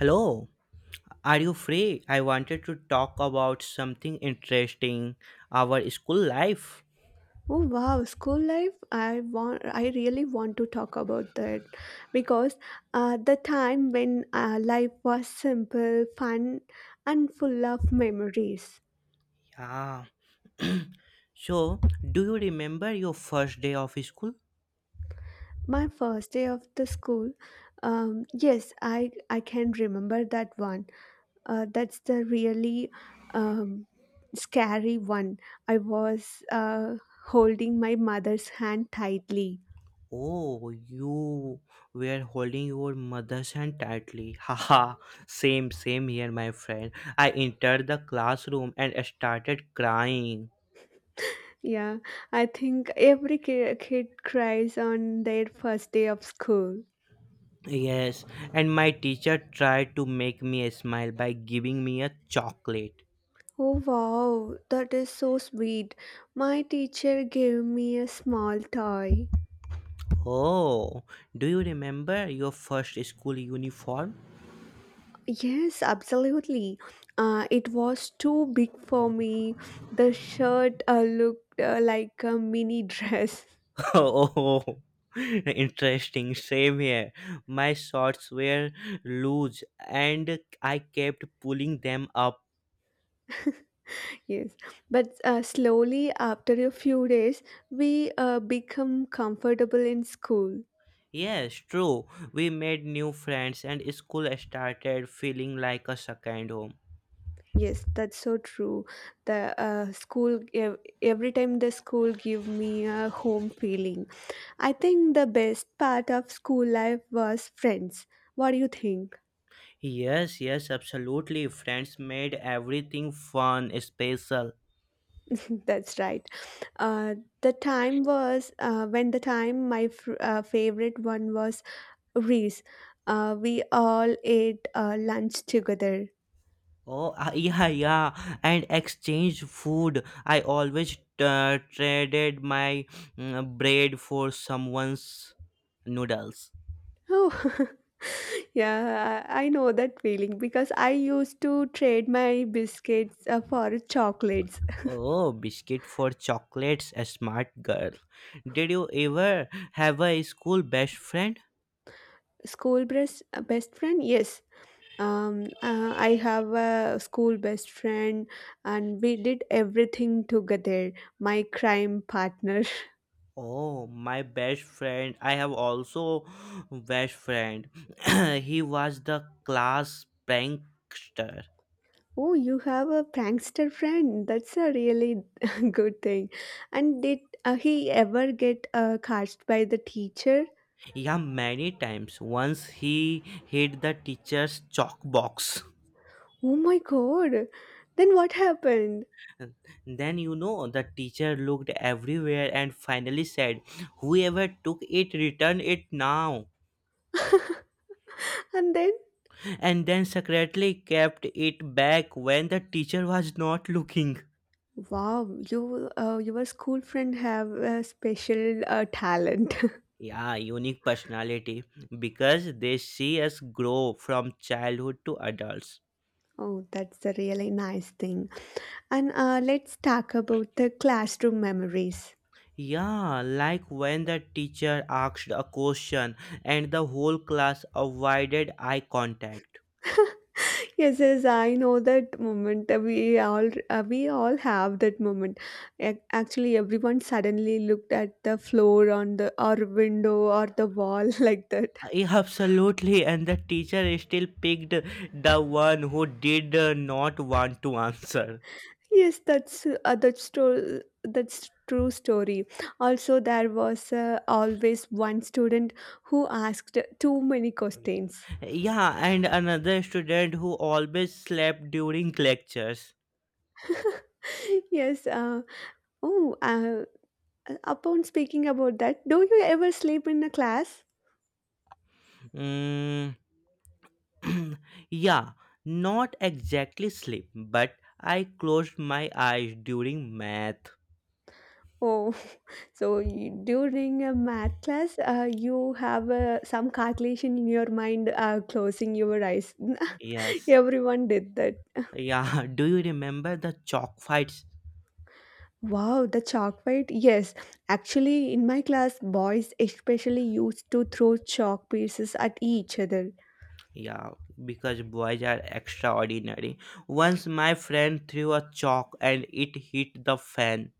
Hello, are you free? I wanted to talk about something interesting, our school life. Oh wow, school life. I really want to talk about that because the time when life was simple, fun and full of memories. Yeah. So, do you remember your first day of school? My first day of the school. Yes, I can remember that one. That's the really um, scary one. I was holding my mother's hand tightly. Oh, you were holding your mother's hand tightly. Haha, same here, my friend. I entered the classroom and started crying. Yeah, I think every kid cries on their first day of school. Yes, and my teacher tried to make me smile by giving me a chocolate. Oh wow, that is so sweet. My teacher gave me a small toy. Oh, do you remember your first school uniform? Yes, absolutely. It was too big for me. The shirt looked like a mini dress. Oh, interesting. Same here. My shorts were loose and I kept pulling them up. Yes, but slowly after a few days, we become comfortable in school. Yes, true. We made new friends and school started feeling like a second home. Yes, that's so true. The school, every time the school give me a home feeling. I think the best part of school life was friends. What do you think? Yes, yes, absolutely. Friends made everything fun, special. That's right. Uh, the time was when the time my favorite one was Reese. We all ate lunch together. Oh, yeah, yeah, and exchange food. I always traded my bread for someone's noodles. Oh, yeah, I know that feeling because I used to trade my biscuits for chocolates. Oh, biscuit for chocolates, a smart girl. Did you ever have a school best friend? School best friend? Yes. I have a school best friend, and we did everything together. My crime partner. Oh, my best friend. I have also best friend. He was the class prankster. Oh, you have a prankster friend. That's a really good thing. And did he ever get cast by the teacher? Yeah, many times. Once he hid the teacher's chalk box. Oh my god. Then what happened? Then you know the teacher looked everywhere and finally said, whoever took it, return it now. And then And then secretly kept it back when the teacher was not looking. wow, you your school friend have a special talent. Yeah, unique personality, because they see us grow from childhood to adults. Oh, that's a really nice thing. And let's talk about the classroom memories. Yeah, like when the teacher asked a question and the whole class avoided eye contact. Yes, yes, I know that moment. We all have that moment. Actually, everyone suddenly looked at the floor on the or window or the wall like that. Yeah, absolutely. And the teacher still picked the one who did not want to answer. Yes, that's true. That's true story. Also, there was always one student who asked too many questions. Yeah, and another student who always slept during lectures. Yes. Oh. Uh, Upon speaking about that, do you ever sleep in a class? Mm, yeah, not exactly sleep, but I closed my eyes during math. Oh, so you, during a math class, you have some calculation in your mind, closing your eyes. Yes. Everyone did that. Yeah, do you remember the chalk fights? Wow, the chalk fight. Yes, actually, in my class, boys especially used to throw chalk pieces at each other. Yeah, because boys are extraordinary. Once my friend threw a chalk and it hit the fan.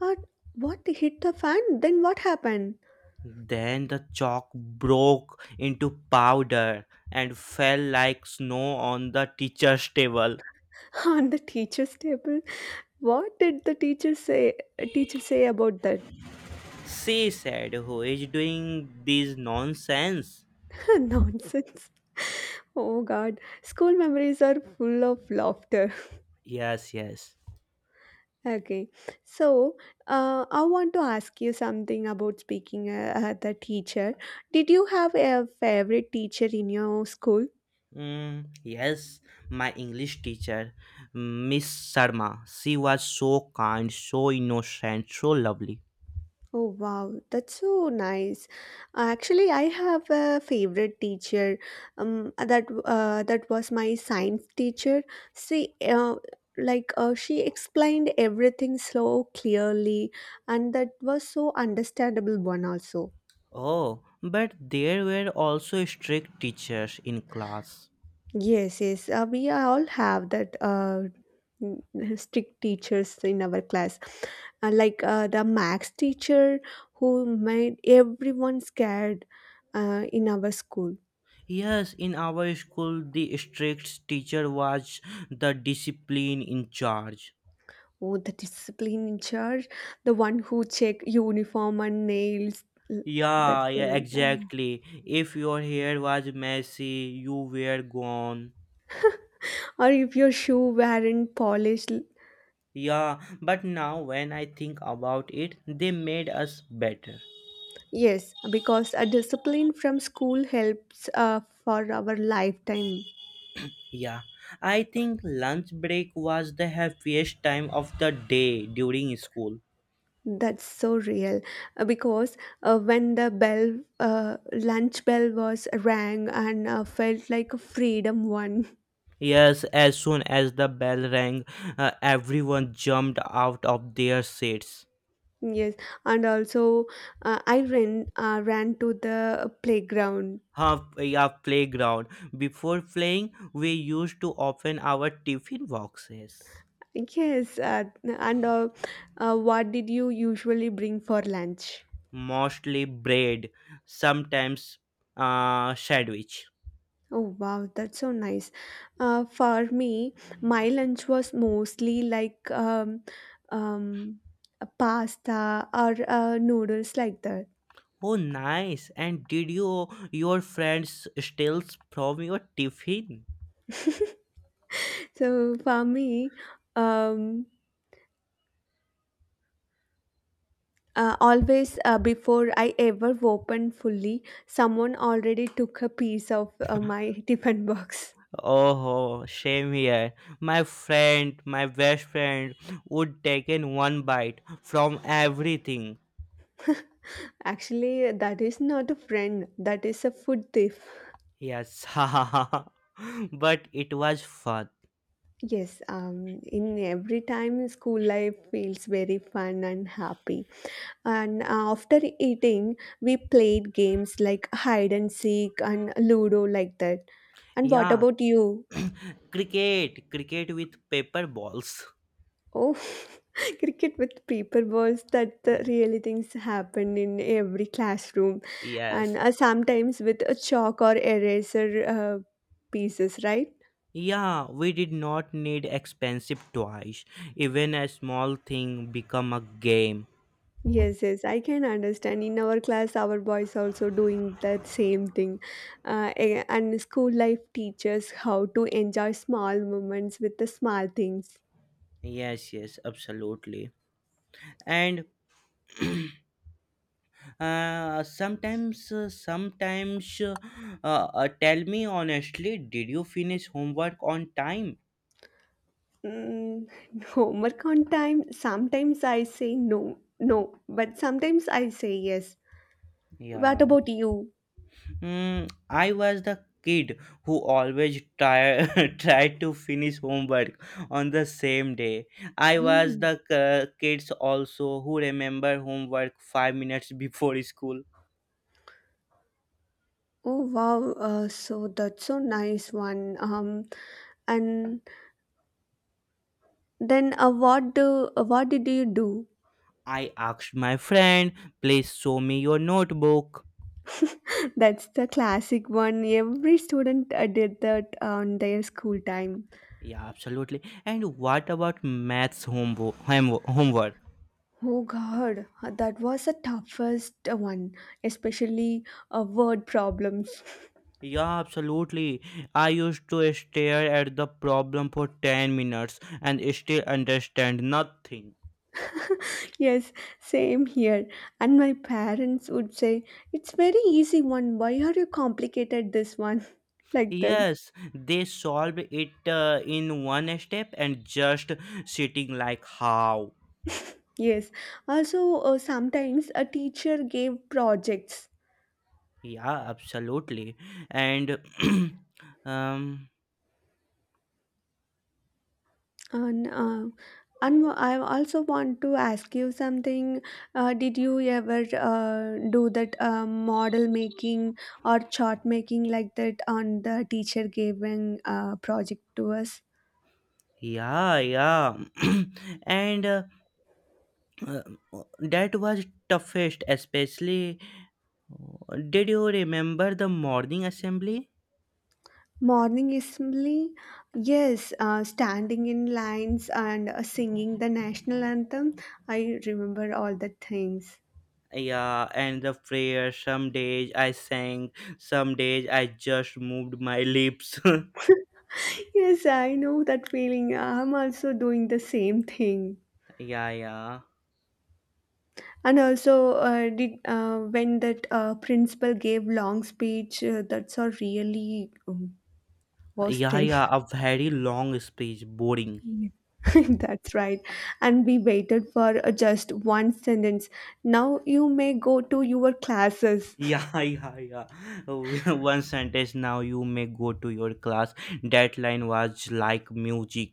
But what hit the fan? Then what happened? Then the chalk broke into powder and fell like snow on the teacher's table. On the teacher's table? What did the teacher say? Teacher say about that? She said, who is doing this nonsense? Nonsense. Oh God, school memories are full of laughter. Yes, yes. Okay, so I want to ask you something about speaking the teacher. Did you have a favorite teacher in your school? Mm, yes, my English teacher, Miss Sharma. She was so kind, so innocent, so lovely. Oh wow, that's so nice. Actually, I have a favorite teacher. That was my science teacher. See, she explained everything so clearly, and that was so understandable one also. Oh, but there were also strict teachers in class. Yes, yes. We all have that n- strict teachers in our class. The max teacher who made everyone scared in our school. Yes, in our school, the strict teacher was the discipline in charge. Oh, the discipline in charge, the one who check uniform and nails. L- That's Yeah, the yeah, one. Oh. exactly. If your hair was messy, you were gone. Or if your shoe weren't polished. Yeah, but now when I think about it, they made us better. Yes, because a discipline from school helps for our lifetime. Yeah, I think lunch break was the happiest time of the day during school. That's so real. Because when the bell, lunch bell was rang and felt like a freedom one. Yes, as soon as the bell rang, everyone jumped out of their seats. Yes, and also I ran to the playground. Huh, yeah, playground. Before playing, we used to open our tiffin boxes, Yes, and what did you usually bring for lunch? mostly bread, sometimes sandwich. Oh wow, that's so nice. For me, my lunch was mostly like um, a pasta or noodles like that. Oh, nice! And did you your friends steal from your tiffin? So for me, um, always before I ever opened fully, someone already took a piece of my tiffin box. Oh, same here. My friend, my best friend, would take in one bite from everything. Actually, that is not a friend, that is a food thief. Yes, but it was fun. Yes, in every time school life feels very fun and happy. And after eating, we played games like hide and seek and Ludo like that. And what Yeah, about you? cricket with paper balls. Oh, cricket with paper balls. That the Yeah, really things happen in every classroom, and yes. Sometimes with a chalk or eraser pieces, right? Yeah, we did not need expensive toys. Even a small thing become a game. Yes, yes, I can understand. In our class, our boys also doing that same thing. And school life teaches how to enjoy small moments with the small things. Yes, yes, absolutely. And sometimes sometimes tell me honestly, did you finish homework on time? Mm, homework on time. Sometimes I say no, no, but sometimes I say yes. What Yeah. about you? Mm, I was the kid who always try tried to finish homework on the same day. I was Oh, the kids also who remember homework 5 minutes before school. oh wow. So that's so nice one. And then what did you do? I asked my friend, please show me your notebook. That's the classic one. Every student did that on their school time. Yeah, absolutely. And what about maths homework? Oh God, that was the toughest one, especially word problems. Yeah, absolutely. I used to stare at the problem for 10 minutes and still understand nothing. Yes, same here. And my parents would say, "It's very easy one. Why are you complicated this one?" Like that. Yes, they solved it in one step and just sitting like how. Yes. Also, sometimes a teacher gave projects. Yeah, absolutely. And um, And I also want to ask you something. Did you ever do that model making or chart making like that on the teacher giving project to us? yeah, yeah. and uh, that was toughest, especially did you remember the morning assembly? Morning assembly, yes, standing in lines and singing the national anthem. I remember all the things. Yeah, and the prayer, some days I sang, some days I just moved my lips. Yes, I know that feeling. I'm also doing the same thing. Yeah, yeah, And also, did when that principal gave long speech, that's a really worst yeah, thing. yeah, a very long speech, boring. Yeah. That's right. And we waited for just one sentence. Now you may go to your classes. Yeah, yeah, yeah. One sentence, now you may go to your class, that line was like music.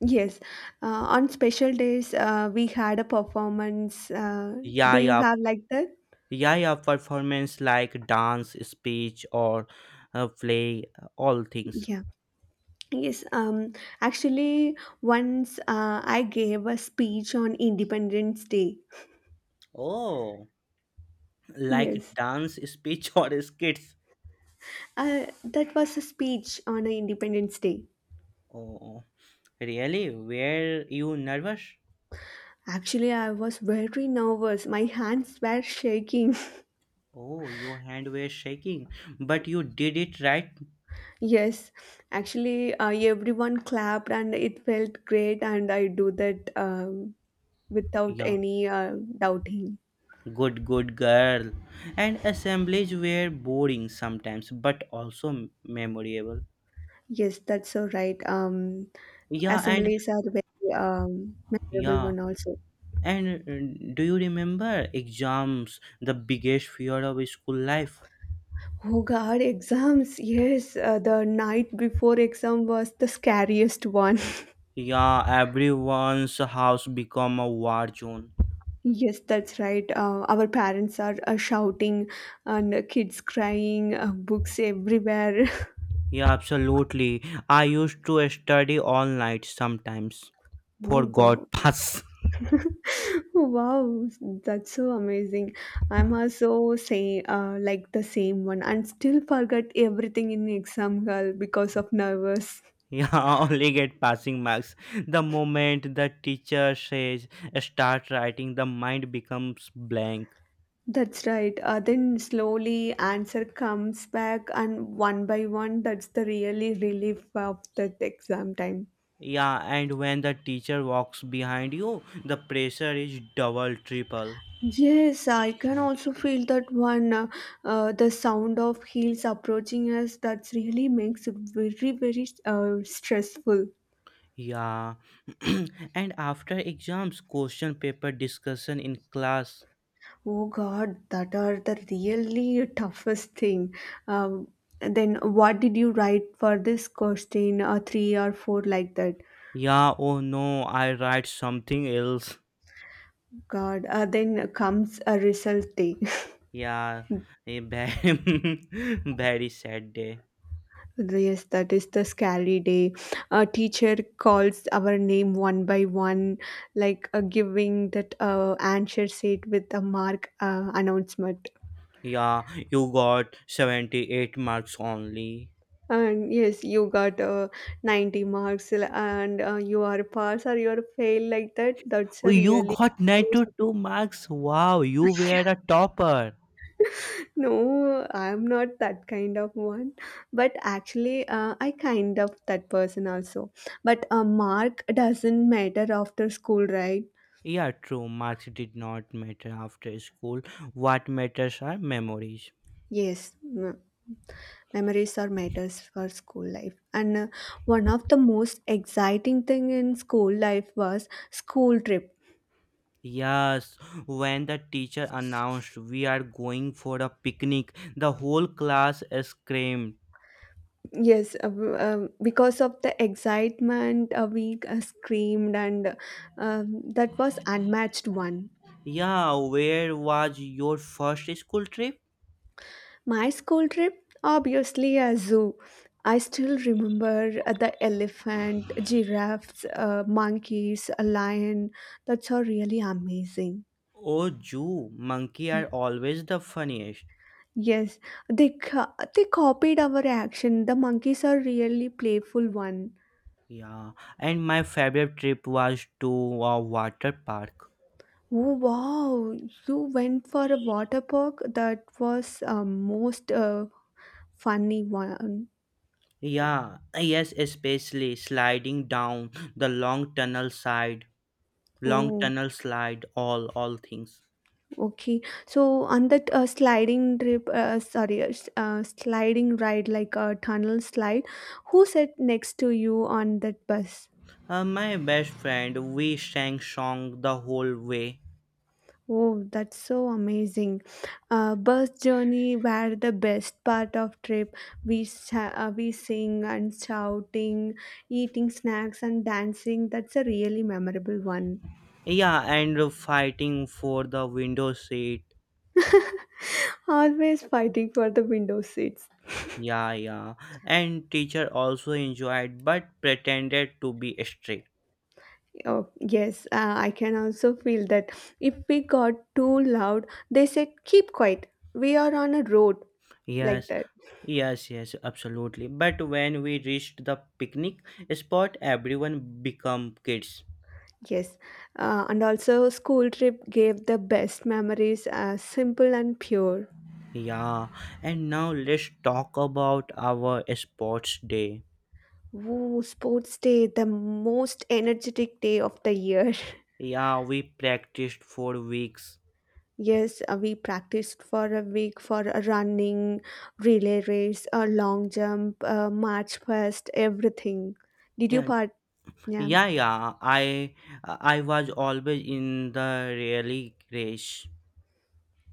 Yes. Uh, on special days, we had a performance. Yeah, Do you yeah, have like that? yeah, yeah, performance like dance, speech or play, all things. Yeah. Yes. Actually, once I gave a speech on Independence Day. Oh, like Yes. dance, speech or skits. That was a speech on a Independence Day. Oh, really? Were you nervous? Actually, I was very nervous. My hands were shaking. Oh, your hand was shaking, but you did it right. Yes, actually, everyone clapped and it felt great, and I do that without Yeah, any doubting. good, good girl. And assemblies were boring sometimes, but also memorable. Yes, that's so right. Yeah, and Assemblies are very memorable yeah, one also. and do you remember exams, the biggest fear of school life? Oh God, exams. Yes, the night before exam was the scariest one. Yeah, everyone's house become a war zone. Yes, that's right. Our parents are shouting and kids crying, books everywhere. Yeah, absolutely. I used to study all night sometimes. Oh, wow. Forgot pass. Wow, that's so amazing. I'm also say like the same one and still forget everything in exam hall because of nervous. Yeah, only get passing marks. The moment the teacher says start writing, the mind becomes blank. That's right. Then slowly answer comes back and one by one, that's the really relief of that exam time. Yeah, and when the teacher walks behind you, the pressure is double, triple. Yes, I can also feel that one. The sound of heels approaching us that really makes it very, very stressful. Yeah, and after exams, question paper discussion in class. Oh God, that are the really toughest thing. Um, then what did you write for this question? Three or four like that. Yeah, oh no, I write something else. God, then comes a result day. Yeah, a very, very sad day. Yes, that is the scary day. A teacher calls our name one by one, like giving that answer sheet with a mark announcement. Yeah, you got 78 marks only. And yes, you got 90 marks and you are pass or you are fail like that. That's Oh, a you really got scary 92 marks. Wow, you were a topper. No, I'm not that kind of one. But actually, I kind of that person also. But a mark doesn't matter after school, right? Yeah, true. Marks did not matter after school. What matters are memories. Yes, memories are matters for school life. And one of the most exciting thing in school life was school trip. Yes, when the teacher announced we are going for a picnic, the whole class screamed. Yes, because of the excitement, we screamed and that was unmatched one. Yeah, where was your first school trip? My school trip, obviously a zoo. I still remember the elephant, giraffes, monkeys, a lion. That's all really amazing. Oh, Jew, monkey Yeah. are always the funniest. Yes, they copied our action. The monkeys are really playful one. Yeah, and my favorite trip was to a water park. Oh wow! You went for a water park. That was most funny one. Yeah, yes, especially sliding down the long tunnel side, long Oh, tunnel slide, all things. okay. So on that sliding trip, sorry, sliding ride like a tunnel slide. Who sat next to you on that bus? My best friend, we sang song the whole way. Oh, that's so amazing. Bus journey were the best part of trip. We sing and shouting, eating snacks and dancing. That's a really memorable one. Yeah, and fighting for the window seat. Always fighting for the window seats. Yeah, yeah. And teacher also enjoyed, but pretended to be strict. Oh, yes, I can also feel that if we got too loud, they said, "Keep quiet. We are on a road." Like Yes, that. yes, yes, absolutely. But when we reached the picnic spot, everyone become kids. Yes. And also school trip gave the best memories, simple and pure. Yeah, and now let's talk about our sports day. Woo, sports day, the most energetic day of the year. Yeah, we practiced for weeks. Yes, we practiced for a week for a running, relay race, a long jump, a march past, everything. Did you Yeah, part? Yeah. yeah, yeah. I was always in the rally race.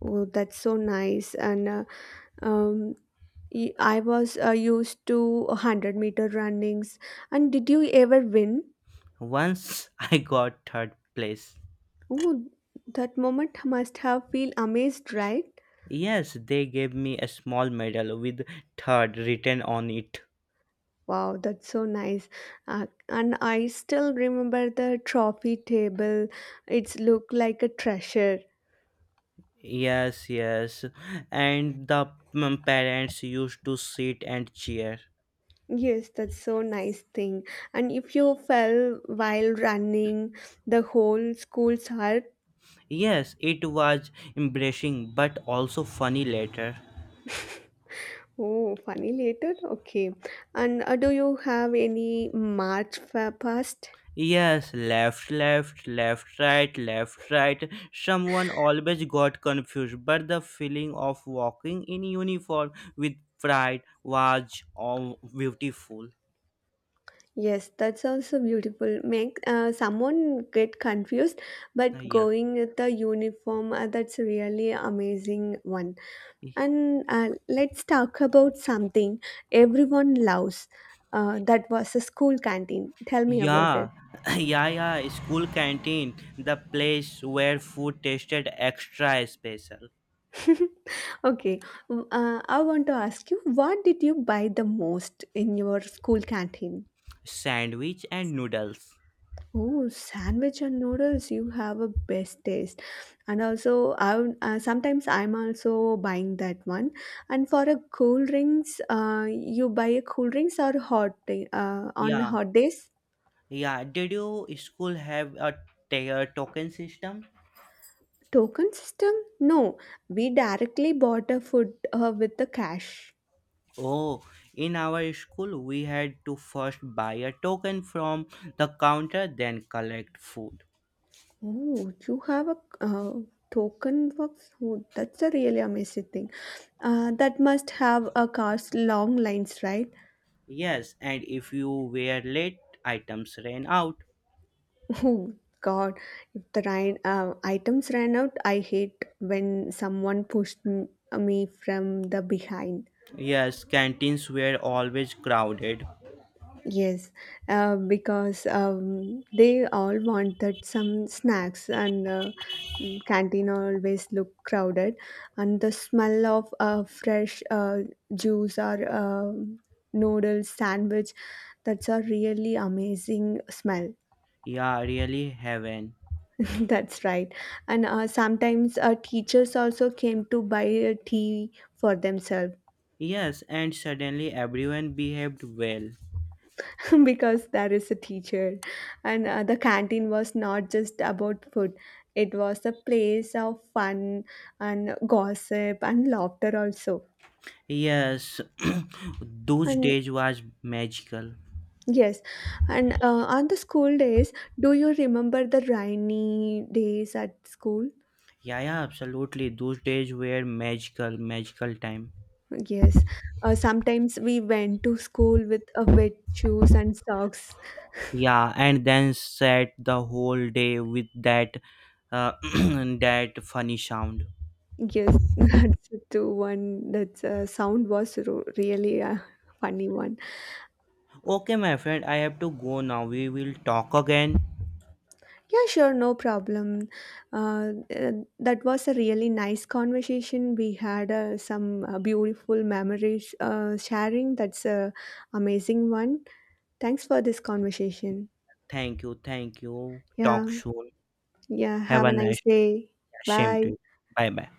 Oh, that's so nice. And um, I was used to 100 meter runnings. And did you ever win? Once I got third place. Oh, that moment must have feel amazed, right? Yes, they gave me a small medal with third written on it. Wow, that's so nice. And I still remember the trophy table. It's looked like a treasure. Yes, yes. And the parents used to sit and cheer. Yes, that's so nice thing. And if you fell while running, the whole school's hurt. Yes, it was embarrassing but also funny later. Oh, funny later. Okay. And do you have any march past? Yes, left, left, left, right, left, right. Someone always got confused, but the feeling of walking in uniform with pride was beautiful. Yes, that's also beautiful. Make someone get confused, but Yeah. going with the uniform, that's really amazing one. And let's talk about something everyone loves. That was a school canteen. Tell me about Yeah, it. yeah, yeah. School canteen, the place where food tasted extra special. Okay, I want to ask you, what did you buy the most in your school canteen? Sandwich and noodles. Oh, sandwich and noodles, you have a best taste. And also, sometimes I'm also buying that one. And for a cool drinks, you buy a cool drinks or hot day, on Yeah, hot days? yeah, did your school have a a token system? Token system? No, we directly bought a food with the cash. Oh, in our school, we had to first buy a token from the counter, then collect food. Oh, you have a token box? Oh, that's a really amazing thing. That must have a cost long lines, right? Yes, and if you were late, items ran out. Oh God, if the items ran out, I hate when someone pushed me from the behind. Yes, canteens were always crowded. Yes, because they all wanted some snacks, and canteen always look crowded, and the smell of fresh juice or noodles sandwich, that's a really amazing smell. Yeah, really heaven. That's right. And sometimes teachers also came to buy a tea for themselves. Yes, and suddenly everyone behaved well. Because there is a teacher, and the canteen was not just about food, it was a place of fun and gossip and laughter also. Yes, those And days was magical. yes, and on the school days, do you remember the rainy days at school? Yeah, yeah, absolutely. Those days were magical, magical time. Yes, sometimes we went to school with wet shoes and socks. Yeah, and then sat the whole day with that that funny sound. Yes, that's the one. That sound was really a funny one. Okay, my friend, I have to go now. We will talk again. Yeah, sure, no problem. Uh, uh, that was a really nice conversation. We had some beautiful memories sharing. That's a amazing one. Thanks for this conversation. Thank you, thank you. Yeah, Talk soon. yeah. Have Have a a nice nice day, day. same to Bye. you. Bye bye.